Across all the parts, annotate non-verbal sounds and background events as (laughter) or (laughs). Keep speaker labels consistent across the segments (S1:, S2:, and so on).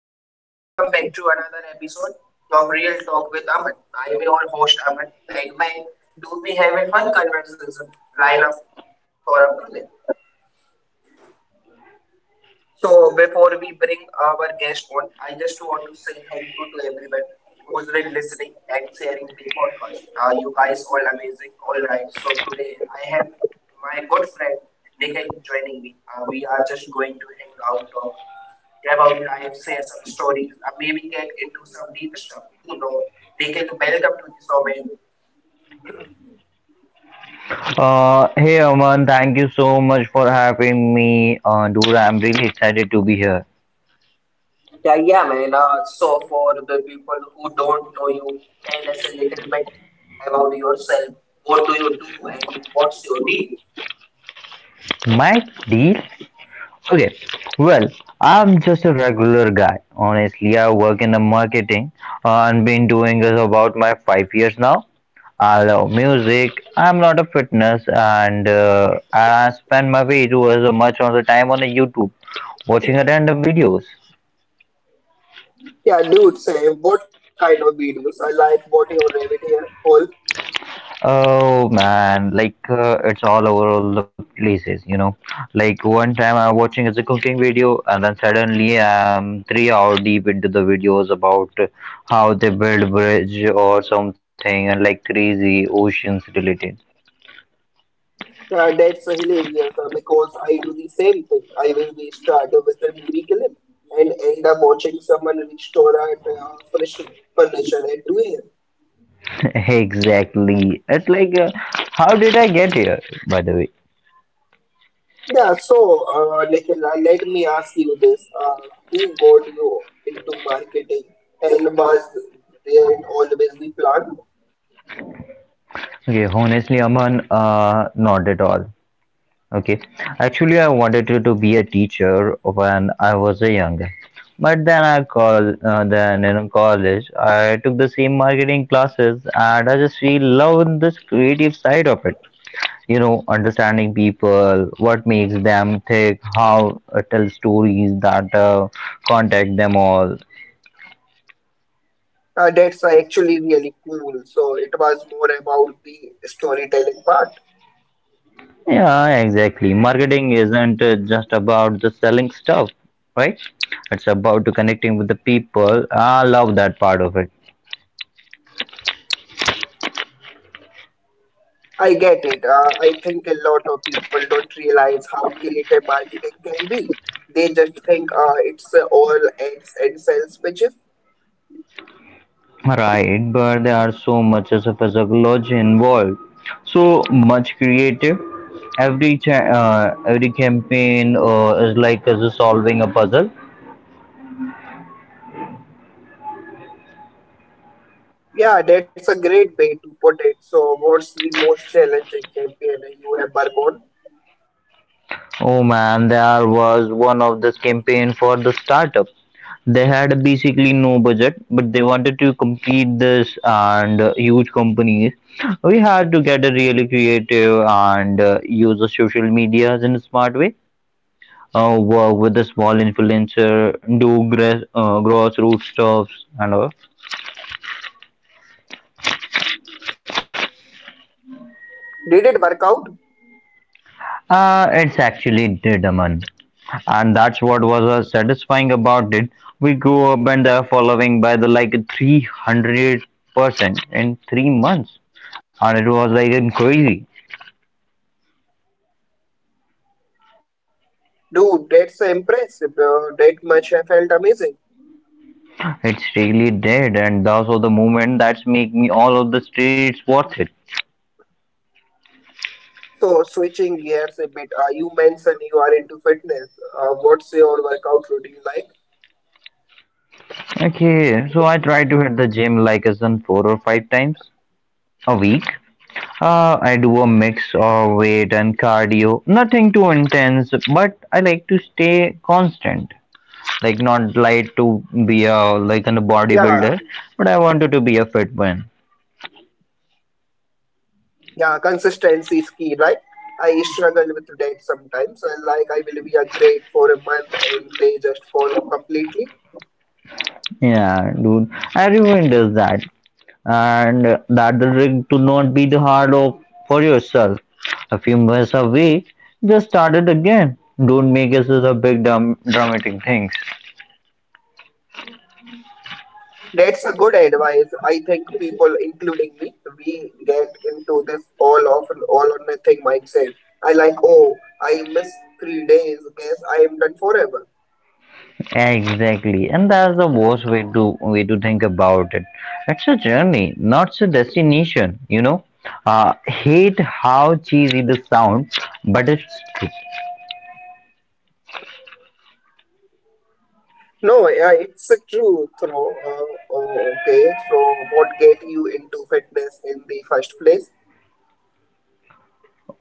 S1: Hey everyone, welcome back to another episode of Real Talk with Aman. I am your host Aman, and man, do we have a fun conversation lineup for up today? So before we bring our guest on, I just want to say thank you to everyone who's been listening and sharing the podcast. You guys all amazing. All right. So today I have my good friend Nikhil joining me. We are just going to hang out, talk about life, share some stories, maybe get into some deep stuff. You know, Nikhil, welcome to the show, man.
S2: Hey Aman, thank you so much for having me. Dude, I'm really excited to be here.
S1: Yeah, yeah, man. So for the people who don't know you, tell us a little bit about yourself. What do you do and what's your deal?
S2: My deal? Okay, well, I'm just a regular guy. Honestly, I work in the marketing and been doing this about my 5 years now. I love music. I'm not a fitness, and I spend my way too as much on the time on the YouTube watching a random videos.
S1: Yeah, dude, same. What kind of videos? I like what you rabbit here. All
S2: Oh man, like it's all over all the places, you know. Like one time I'm watching it's a cooking video, and then suddenly I'm 3 hour deep into the videos about how they build bridge or something, and like crazy oceans related.
S1: that's hilarious because I do the same thing. I will be start with a movie clip and end up watching someone restore at fresh furniture at 2 a.m.
S2: (laughs) Exactly. It's like, how did I get here? By the way.
S1: Yeah, let me ask you this. Who got you into marketing and was there always the plan?
S2: Okay, honestly, Aman, not at all. Okay. Actually, I wanted to be a teacher when I was a young. Guy, But then I call then in college, I took the same marketing classes, and I just really loved this creative side of it. You know, understanding people, what makes them tick, how tell stories that contact them all.
S1: That's actually really cool. So it was more about the storytelling part.
S2: Yeah, exactly. Marketing isn't just about the selling stuff, right? It's about to connecting with the people. I love that part of it.
S1: I get it. I think a lot of people don't realize how creative marketing can be. They just think it's all ads and sales pitches.
S2: Right, but there are so much as a psychology involved, so much creative. Every campaign is like as a solving a puzzle.
S1: Yeah, that's a great way to put it. So what's the most challenging campaign you have worked on?
S2: Oh man, there was one of this campaign for the startup. They had basically no budget, but they wanted to complete this and huge companies. We had to get a really creative and use the social media in a smart way. Work with the small influencer, do grassroots stuffs and all.
S1: Did it work out?
S2: It's actually did, Aman. And that's what was satisfying about it. We grew up and the following by the like 300% in 3 months. And it was like crazy.
S1: Dude, that's impressive. That much I felt amazing.
S2: It's really dead, and those are the moment that's make me all of the streets worth it.
S1: So, switching gears a bit, you mentioned you are into fitness. What's your workout routine like?
S2: Okay, so I try to hit the gym like as in four or five times a week. I do a mix of weight and cardio. Nothing too intense, but I like to stay constant. Like not like to be a like a
S1: Yeah,
S2: bodybuilder, but I wanted to be a fit one.
S1: yeah, consistency is key, right? I struggle with that sometimes. I like I will be a great for a month and they just fall off completely.
S2: Yeah, dude. Everyone does that, and that doesn't to not be the hard of for yourself. A few months away, just start it again. Don't make this a big dramatic thing.
S1: That's a good advice. I think people, including me, we get into this all of all or nothing mindset. I like, oh, I missed 3 days. Guess I am done forever.
S2: Exactly, and that's the worst way to think about it. It's a journey, not a destination. You know, hate how cheesy this sounds, but it's.
S1: No, yeah, it's a truth, though. Oh, okay, so what get you into fitness in the first place?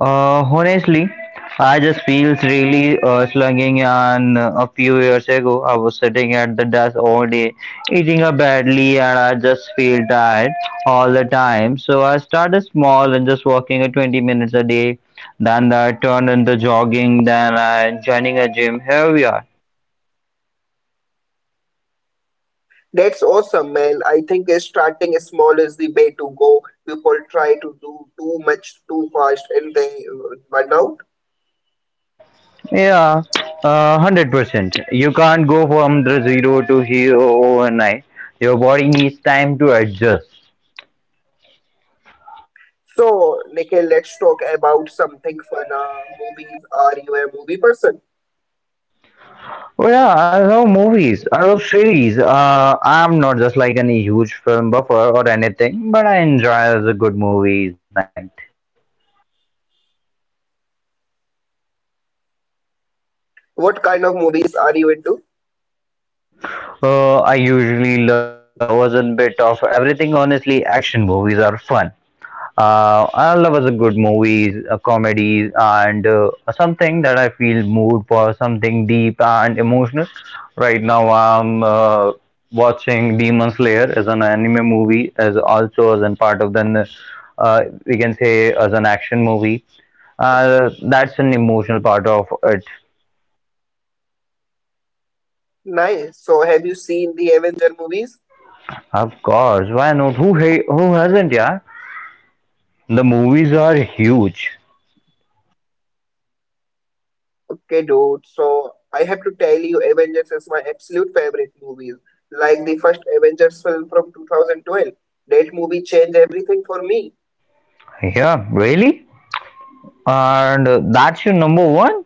S2: Honestly, I just feels really slugging. And a few years ago, I was sitting at the desk all day, eating up badly, and I just feel tired all the time. So I started small and just walking a 20 minutes a day. Then that turned into jogging. Then I joining a gym. Here we are.
S1: That's awesome, man. I think starting small the way to go. People try to do too much too fast and they burn out.
S2: Yeah, 100%. You can't go from the zero to hero overnight. Your body needs time to adjust.
S1: So, Nikhil, let's talk about something fun. Movies. Are you a movie person?
S2: Oh yeah, I love movies. I love series. I'm not just like any huge film buffer or anything, but I enjoy the good movies night.
S1: What kind of movies are you into?
S2: I usually was a bit of everything. Honestly, action movies are fun. I love as a good movies, comedies, and something that I feel mood for, something deep and emotional. Right now, I'm watching Demon Slayer as an anime movie, as also as an part of then we can say as an action movie. That's an emotional part of it.
S1: Nice. So, have you seen the Avenger movies?
S2: Of course, why not? Who hasn't? Yeah, the movies are huge.
S1: Okay, dude. So, I have to tell you, Avengers is my absolute favorite movie. Like the first Avengers film from 2012. That movie changed everything for me.
S2: Yeah, really, and that's your number one.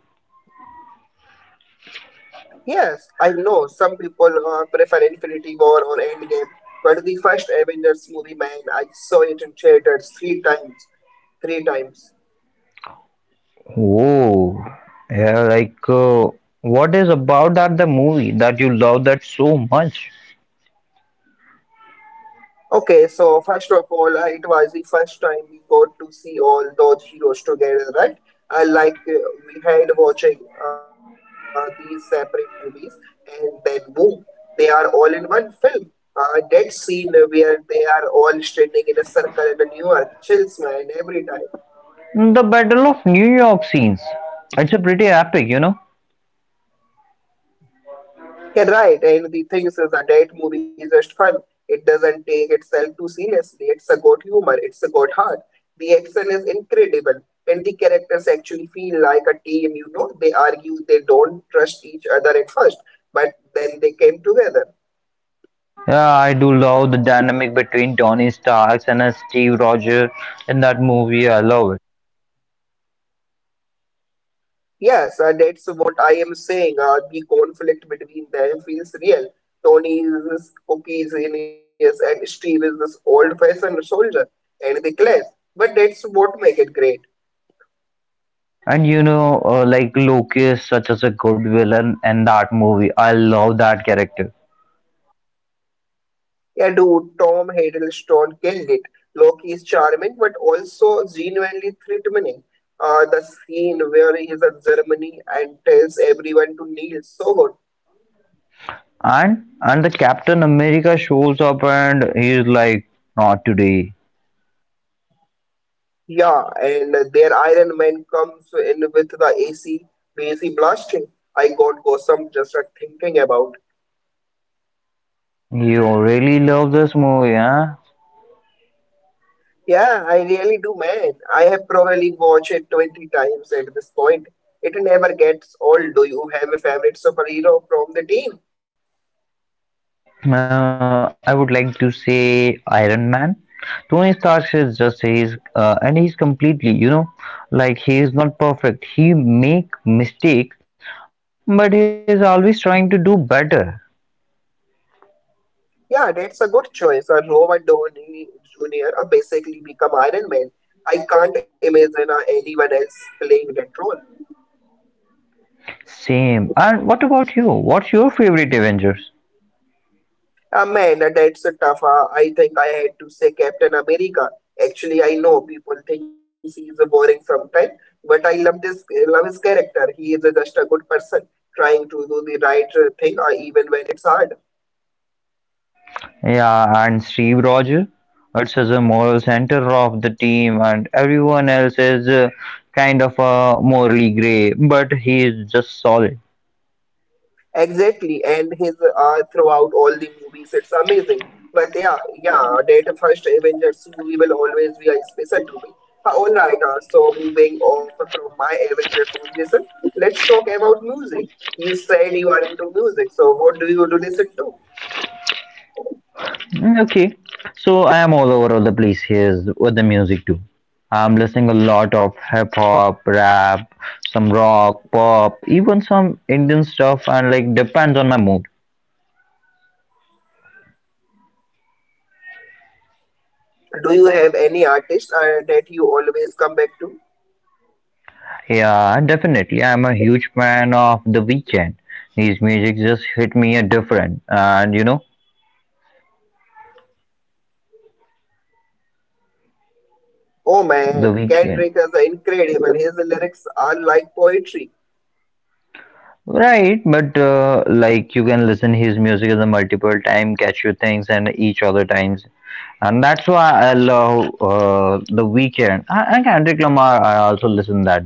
S1: Yes, I know some people prefer Infinity War or Endgame, but the first Avengers movie, man, I saw it in theaters three times.
S2: Oh, yeah, like, what is about that the movie that you love that so much?
S1: Okay, so first of all, it was the first time we got to see all those heroes together, right? Uh, like uh, we had watching these separate movies, and then boom, they are all in one film. That scene where they are all standing in a circle in New York chills man every time.
S2: The Battle of New York scenes. It's a pretty epic, you know.
S1: Yeah, right. And the thing is a dead movie is just fun. It doesn't take itself too seriously. It's a good humor. It's a good heart. The action is incredible. And the characters actually feel like a team, you know. They argue, they don't trust each other at first, but then they came together.
S2: Yeah, I do love the dynamic between Tony Stark and Steve Rogers in that movie. I love it.
S1: Yes, that's what I am saying. The conflict between them feels real. Tony is this cookie genius, and Steve is this old-fashioned soldier, and they clash. But that's what make it great.
S2: And you know, like Loki is such as a good villain in that movie. I love that character.
S1: Yeah, dude, Tom Hiddleston killed it. Loki is charming but also genuinely threatening. The scene where he is at Germany and tells everyone to kneel, so good.
S2: And the Captain America shows up and he's like, not today.
S1: Yeah, and their Iron Man comes in with the AC, blasting. I got goosebumps just at thinking about.
S2: You really love this movie, huh?
S1: Yeah, I really do, man. I have probably watched it 20 times at this point. It never gets old. Do you have a favorite superhero from the team?
S2: I would like to say Iron Man. Tony Stark is just he's completely you know like he is not perfect. He make mistakes, but he is always trying to do better.
S1: Yeah, that's a good choice. A Robert Downey Jr. Basically become Iron Man. I can't imagine anyone else playing that role.
S2: Same. And what about you? What's your favorite Avengers?
S1: That's a tough. I think I had to say Captain America. Actually, I know people think he is boring sometimes, but I love this. Love his character. He is just a good person trying to do the right thing, even when it's hard.
S2: Yeah, and Steve Rogers. It's as a moral center of the team, and everyone else is kind of morally gray, but he is just solid.
S1: Exactly, and his throughout all the movies, it's amazing. But yeah, yeah, that first Avengers movie will always be a special to me. All right, so moving off from my Avengers conversation, let's talk about music. You said you are into music, so what do you do listen to?
S2: Mm, okay, so I am all over the place here with the music do? I'm listening a lot of hip hop, rap, some rock, pop, even some Indian stuff, and like depends on my mood.
S1: Do you have any artist that you always come back to?
S2: Yeah, definitely. I'm a huge fan of The Weeknd. His music just hit me a different, and you know,
S1: Oh man,
S2: The
S1: Kendrick
S2: Weeknd.
S1: is incredible. His lyrics are like poetry.
S2: Right, but like you can listen his music as a multiple time, catch your things, and each other times and that's why I love the weekend. I and Kendrick Lamar. I also listen that.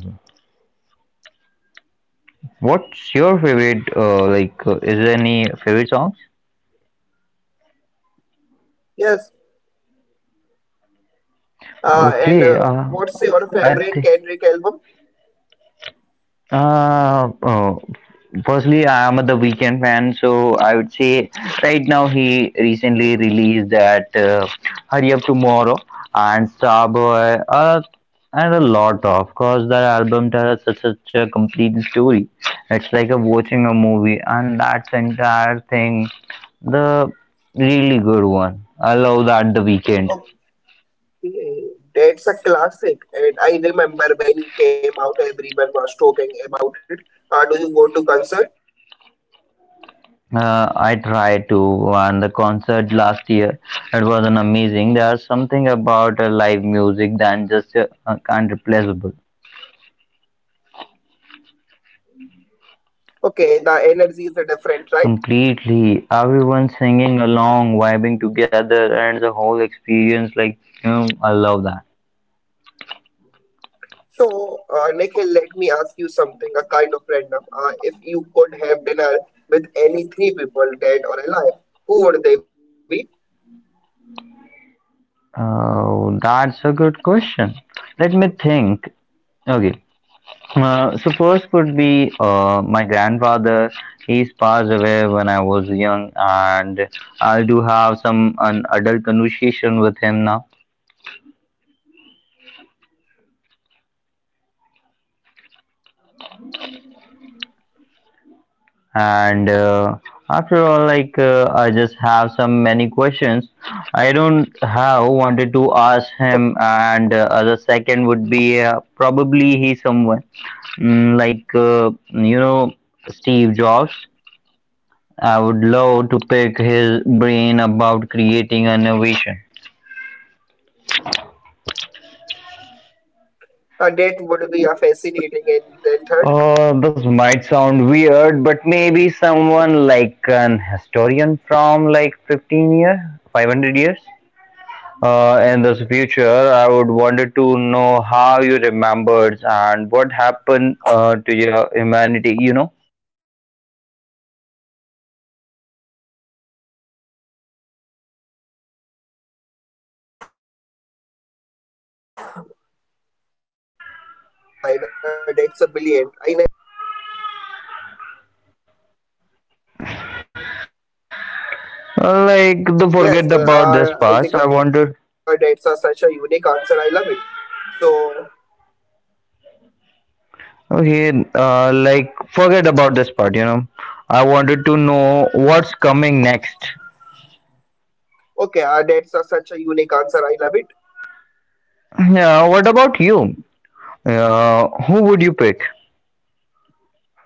S2: What's your favorite? Like, is there any favorite songs?
S1: Yes. And
S2: Okay,
S1: what's your
S2: I
S1: favorite
S2: th-
S1: Kendrick album?
S2: Uh, oh, firstly, I am the Weekend fan, so I would say right now he recently released that Hurry Up Tomorrow and Starboy, and a lot of course that album tells such a complete story. It's like a watching a movie, and that's entire thing the really good one. I love that the Weekend.
S1: Yeah, that's a classic, and I remember when it came out, everyone was talking about it. Do you go to concert?
S2: I tried to, and the concert last year, it was an amazing. There's something about live music than just can't replaceable.
S1: Okay, the energy is different, right?
S2: Completely, everyone singing along, vibing together, and the whole experience. Like, you know, I love that.
S1: So, Nikhil, let me ask you something, a kind of random. If you could have dinner with any three people, dead or alive, who would they be?
S2: Oh, that's a good question. Let me think. Okay, so first would be my grandfather. He's passed away when I was young, and I do have some an adult conversation with him now.
S1: Okay, that's a really sweet man.
S2: And after all, like I just have some many questions. I don't have wanted to ask him, and as a second would be probably he someone mm, like uh, you know Steve Jobs. I would love to pick his brain about creating innovation.
S1: That would be a fascinating, and then third.
S2: This might sound weird, but maybe someone like an historian from like 15 year, 500 years in this future, I would wanted to know how you remembered and what happened to your humanity. You know,
S1: Okay, that's not mine. That's a brilliant. I never thought about inviting someone from the future. Yes,
S2: Like the forget
S1: I think our
S2: about this
S1: dates are such
S2: past.
S1: a
S2: I
S1: unique
S2: wanted
S1: answer. I love it. So,
S2: okay, like forget about this part. You know, I wanted to know what's coming next.
S1: okay, our dates are such a unique answer. I love it.
S2: Yeah, what about you? Who would you pick?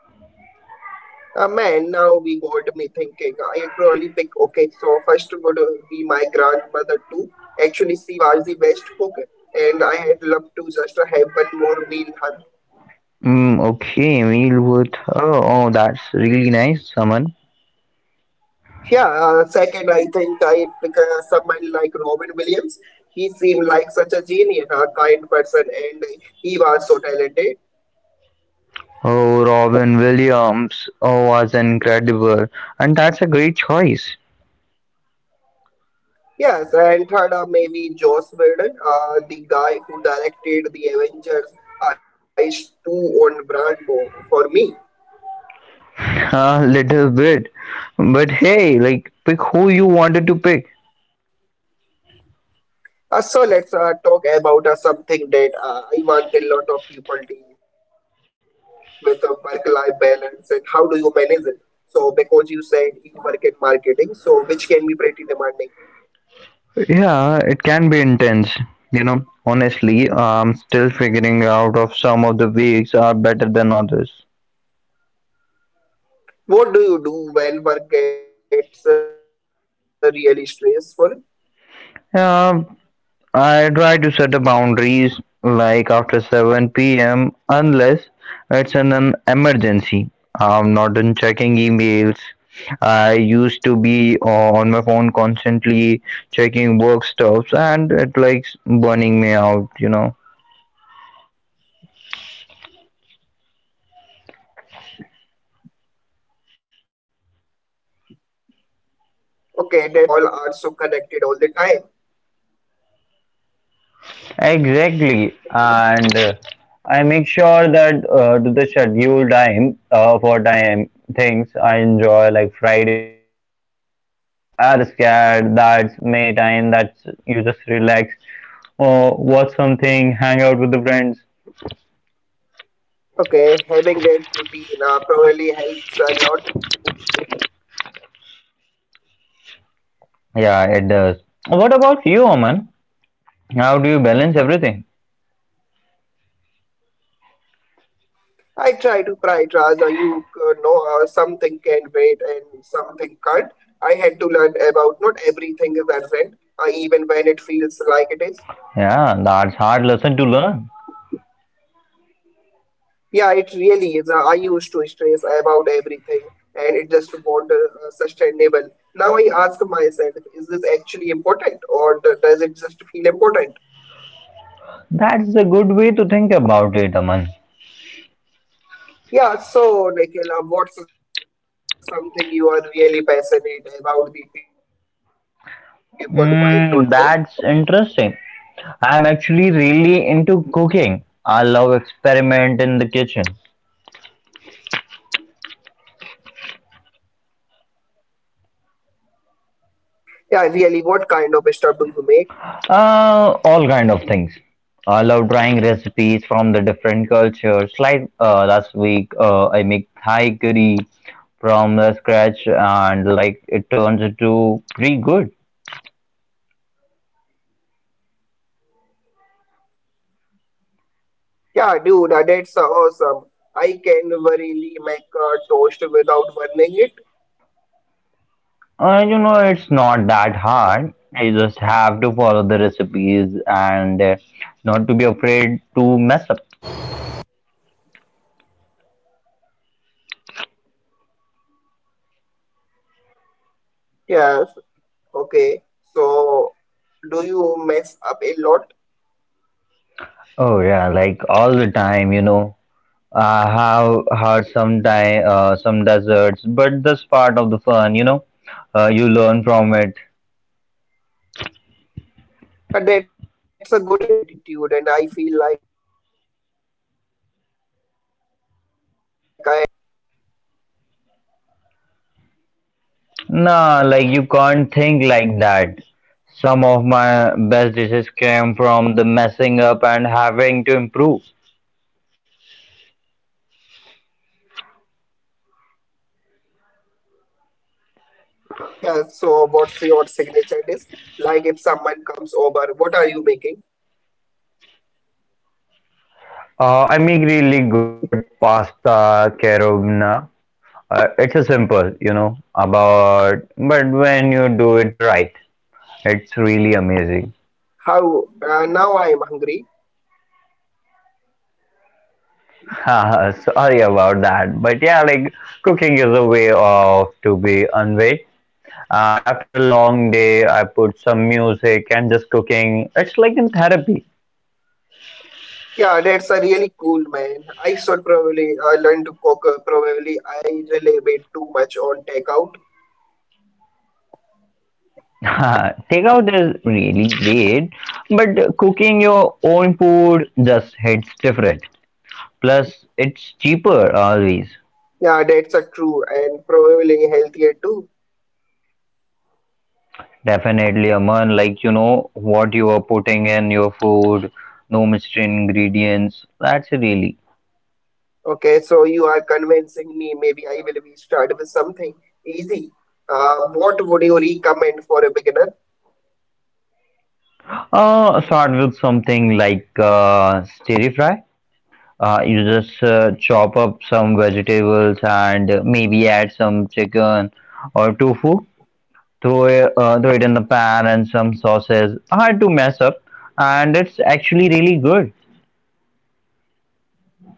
S1: Man, now we got me thinking. I'd probably pick, okay, so first would be my grandmother too. Actually, she was the best cook, and I had loved to just have one more meal her.
S2: Mm, okay, Emil Wood. Oh, oh, that's really nice, Aman.
S1: Yeah, second, I think I pick someone like Robin Williams. He seemed like such a genius, a kind person, and he was so talented.
S2: Oh, Robin Williams oh, was incredible, and that's a great choice.
S1: Yes, and third, maybe Joss Whedon, the guy who directed the Avengers, is too on brand for me.
S2: (laughs) A little bit, but hey, like pick who you wanted to pick.
S1: So let's talk about something that I want a lot of people deal with work-life balance and how do you manage it? So because you said you work in marketing, so which can be pretty demanding.
S2: Yeah, it can be intense. You know, honestly, I'm still figuring out if some of the weeks are better than others.
S1: What do you do when work gets really stressful?
S2: Yeah, I try to set a boundaries like after 7 p.m. unless it's an emergency. I'm not in checking emails. I used to be on my phone constantly checking work stuffs and it likes burning me out, you know.
S1: Okay, that's smart. I think we all need to be better about it. We all are so connected all the time.
S2: Exactly, and I make sure that to the schedule time for time things I enjoy like Friday nights are scared, that's me time, that's you just relax or watch something, hang out with the friends.
S1: Okay, having that routine probably helps a lot.
S2: Yeah, it does. What about you, Oman? How do you balance everything?
S1: I try to prioritize. You know, something can wait and something can't. I had to learn about not everything is urgent, even when it feels like it is.
S2: Yeah, that's hard lesson to learn.
S1: Yeah, it really is. I used to stress about everything and it just wasn't sustainable. Now I ask myself, is this actually important or does it just feel important?
S2: That's a good way to think about it, Aman.
S1: Yeah, so Nikhil, what's something you are really passionate about the people might not know?
S2: Mm, that's interesting. I'm actually really into cooking. I love experiment in the kitchen.
S1: Yeah, really, what kind of stuff do you make?
S2: All kind of things. I love trying recipes from the different cultures. Like last week, I make Thai curry from the scratch, and like it turns into pretty good. You know, it's not that hard. You just have to follow the recipes and not to be afraid to mess up.
S1: Yes, okay. So, do you mess up a lot?
S2: Oh yeah, like all the time, you know. I have had some time, some deserts, but that's part of the fun, you know. You learn from it.
S1: And that's a good attitude, and I feel like I had to just give up if something went wrong.
S2: Nah, like you can't think like that. Some of my best dishes came from the messing up and having to improve.
S1: Yeah, so what's your signature dish? Like if someone comes over, what are you making?
S2: I make really good pasta carobna. It's a simple, you know, about but when you do it right, it's really amazing.
S1: How? Now I'm hungry.
S2: Haha, sorry about that, but yeah, like cooking is a way of to be unweight. And after a long day, I put some music and just cooking. It's like in therapy.
S1: Yeah, that's a really cool man. I should probably learn to cook. Probably I rely a bit too much on takeout.
S2: (laughs) Takeout is really great, but cooking your own food just hits different. Plus, it's cheaper always.
S1: Yeah, that's a true and probably healthier too.
S2: Definitely, Aman, like you know what you are putting in your food, no mystery ingredients. That's really
S1: Okay, so you are convincing me. Maybe I will be start with something easy. What would you recommend for a beginner?
S2: Start with something like stir fry. You just chop up some vegetables and maybe add some chicken or tofu. Throw it in the pan and some sauces. Hard to mess up, and it's actually really good.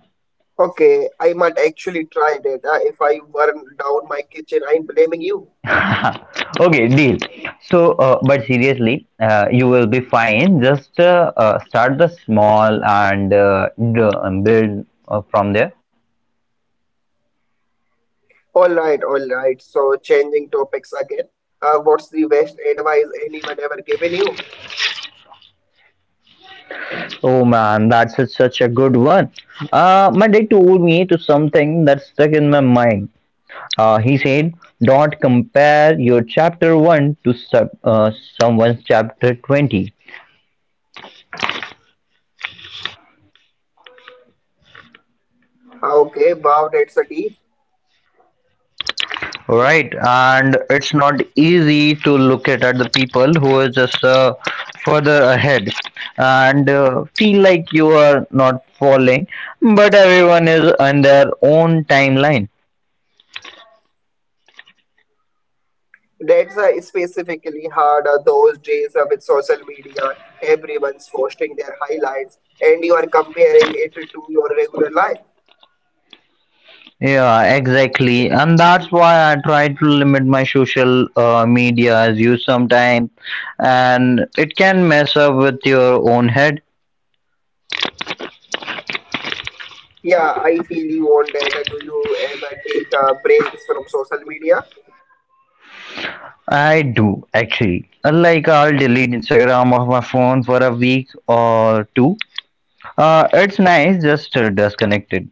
S1: Okay, I might actually try that. If I burn down my kitchen, I'm blaming you.
S2: (laughs) Okay, deal. But seriously, you will be fine. Just start the small and build from there.
S1: All right, all right. So changing topics again. What's the best advice anyone ever given you?
S2: Oh man, such a good one. My dad told me to something that stuck in my mind. He said, "Don't compare your chapter one to someone's chapter 20."
S1: Okay, wow, that's a deep.
S2: Right, and it's not easy to look at the people who are just further ahead and feel like you are not falling, but everyone is on their own timeline.
S1: That's specifically hard those days with social media. Everyone's posting their highlights, and you are comparing it to your regular life.
S2: Yeah, exactly. And that's why I try to limit my social media as you sometimes, and it can mess up with your own head.
S1: Yeah, I feel you on that. Do you ever take breaks from social media?
S2: I do actually. Like I'll delete Instagram off my phone for a week or two. It's nice just to disconnect it.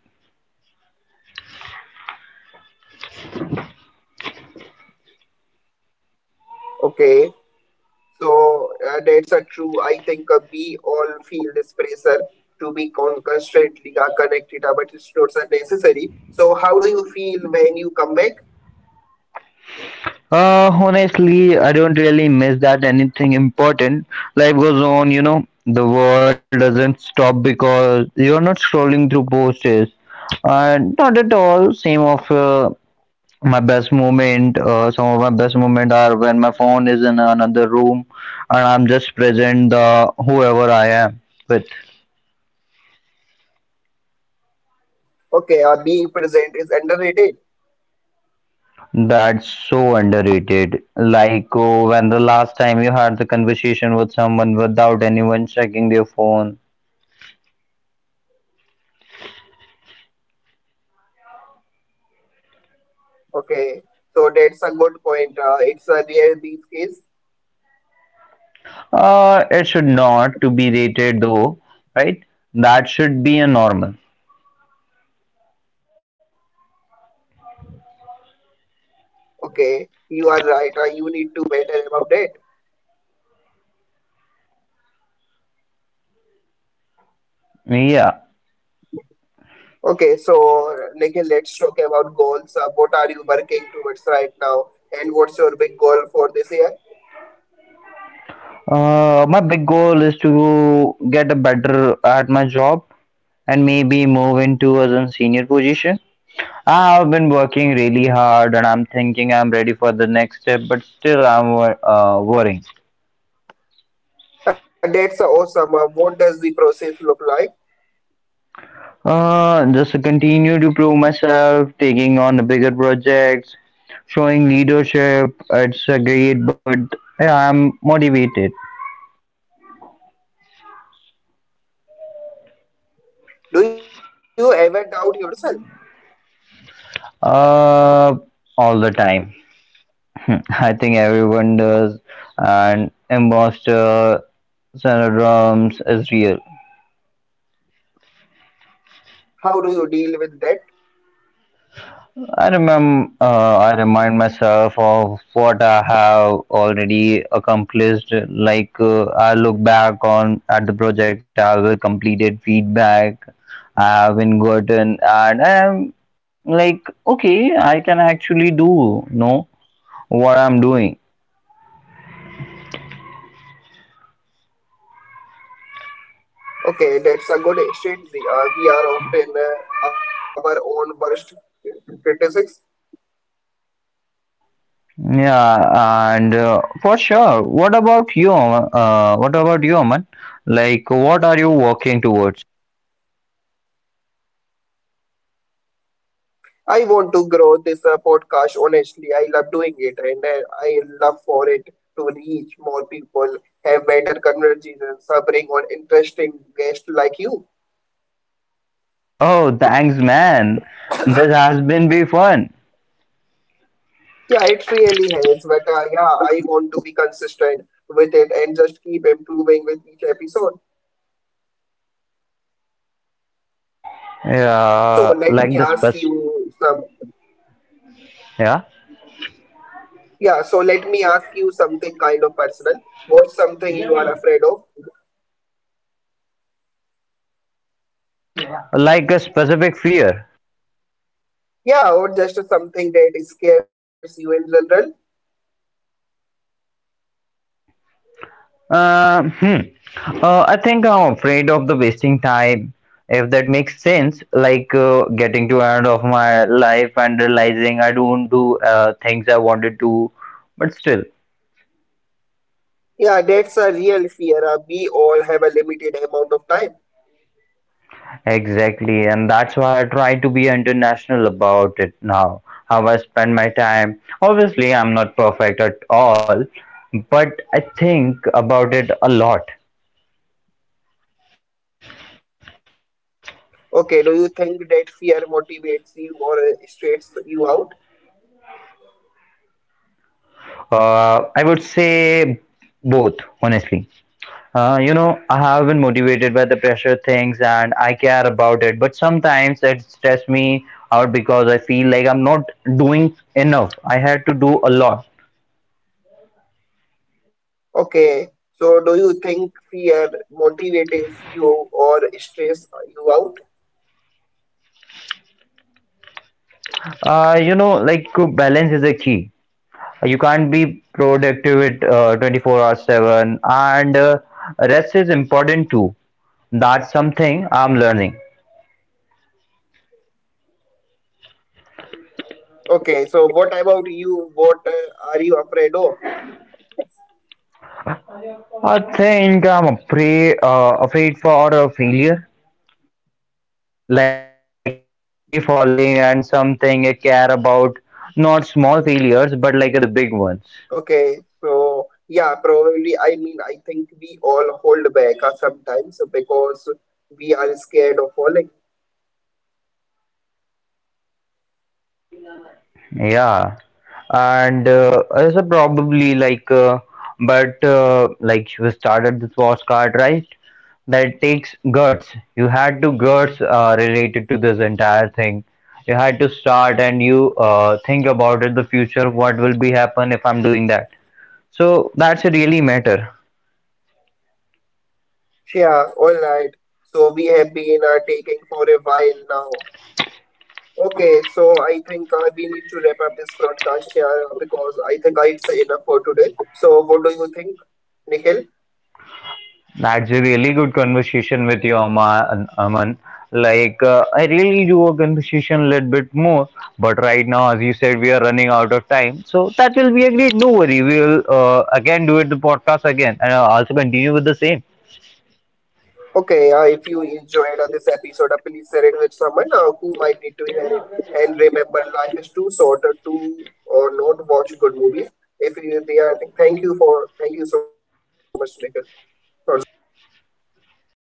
S1: Okay, so that's a true. I think we all feel this pressure to be constantly connected, but it's not so necessary. So, how do you feel when you come back?
S2: Honestly, I don't really miss that anything important. Life goes on, you know. The world doesn't stop because you're not scrolling through posts. And not at all. Same of my best moment. Some of my best moment are when my phone is in another room, and I'm just present the whoever I am with.
S1: Okay, being present is underrated.
S2: That's so underrated. Like oh, when the last time you had the conversation with someone without anyone checking their phone.
S1: Okay, so that's a good point. It's a rare these case.
S2: It should not to be rated though, right? That should be a normal.
S1: Okay, you are right. You need to better about it.
S2: Yeah.
S1: Okay, so Nikhil, let's talk about goals. What are you working towards right now, and what's your big goal for this year?
S2: My big goal is to get a better at my job and maybe move into as a senior position. I have been working really hard and I'm thinking I'm ready for the next step, but still I'm worrying.
S1: That's awesome. What does the process look like?
S2: Just to continue to prove myself, taking on the bigger projects, showing leadership. It's a great, but yeah, I'm motivated.
S1: Do you ever doubt yourself?
S2: Uh, all the time. (laughs) I think everyone does, and imposter syndrome is real.
S1: How do you deal with that?
S2: I remind myself of what I have already accomplished. I look back on at the project I have completed, feedback I have been gotten, and I'm like, okay, I can actually do know what I'm doing.
S1: Okay, that's a good strategy. We are often our own worst critics.
S2: Yeah, and for sure. What about you? What about you, man? Like, what are you working towards? (laughs)
S1: I want to grow this podcast honestly. I love doing it and I love for it to reach more people, have better conversations, bring on interesting guests like you.
S2: Oh, thanks, man. This has been be fun.
S1: Yeah, it really has, but yeah, I want to be consistent with it and just keep improving with each episode. So let
S2: Yeah,
S1: me
S2: like
S1: ask
S2: the spec.
S1: you some
S2: Yeah,
S1: Yeah, so let me ask you something kind of personal. What's something you are afraid of?
S2: like a specific fear.
S1: Yeah, or just something that scares you in general?
S2: Uh, hmm. I think I'm afraid of the wasting time. If that makes sense, like getting to end of my life and realizing I don't do things I wanted to, but still.
S1: Yeah, that's a real fear. We all have a limited amount of time.
S2: Exactly, and that's why I try to be international about it now. How I spend my time. Obviously, I'm not perfect at all, but I think about it a lot.
S1: Okay, do you think that fear motivates you or straightens you out?
S2: I would say both, honestly. You know, I have been motivated by the pressure things and I care about it, but sometimes it stress me out because I feel like I'm not doing enough. I had to do a lot.
S1: Okay, so do you think fear motivates you or stress you out?
S2: You know, like balance is a key. You can't be productive with 24 hours 7 and rest is important too, that's something I'm learning.
S1: Okay, so what about you? What are you afraid of?
S2: I think I'm afraid for a failure, like genuinely falling and something I care about, not small failures but like the big ones.
S1: Okay, so yeah, probably. I mean, I think we all hold back sometimes because we are scared of falling.
S2: Yeah, and also probably like you started this postcard, right? That takes guts. You had to guts related to this entire thing. You had to start and you think about it, the future, what will be happen if I'm doing that. So that's really matter.
S1: Yeah, all right. So we have been taking for a while now. Okay, so I think we need to wrap up this broadcast here because I think it's enough for today. So, what do you think, Nikhil?
S2: That's a really good conversation with you, Aman. I really do a conversation a little bit more, but right now, as you said, we are running out of time. So that will be a great. No worry, we will again do it the podcast again, and I'll also continue with the same.
S1: Okay, if you enjoyed this episode, please share it with someone who might need to hear it. And remember, life is too short to or not watch good movies. If you, they are, thank you for, thank you so much, Nikhil, for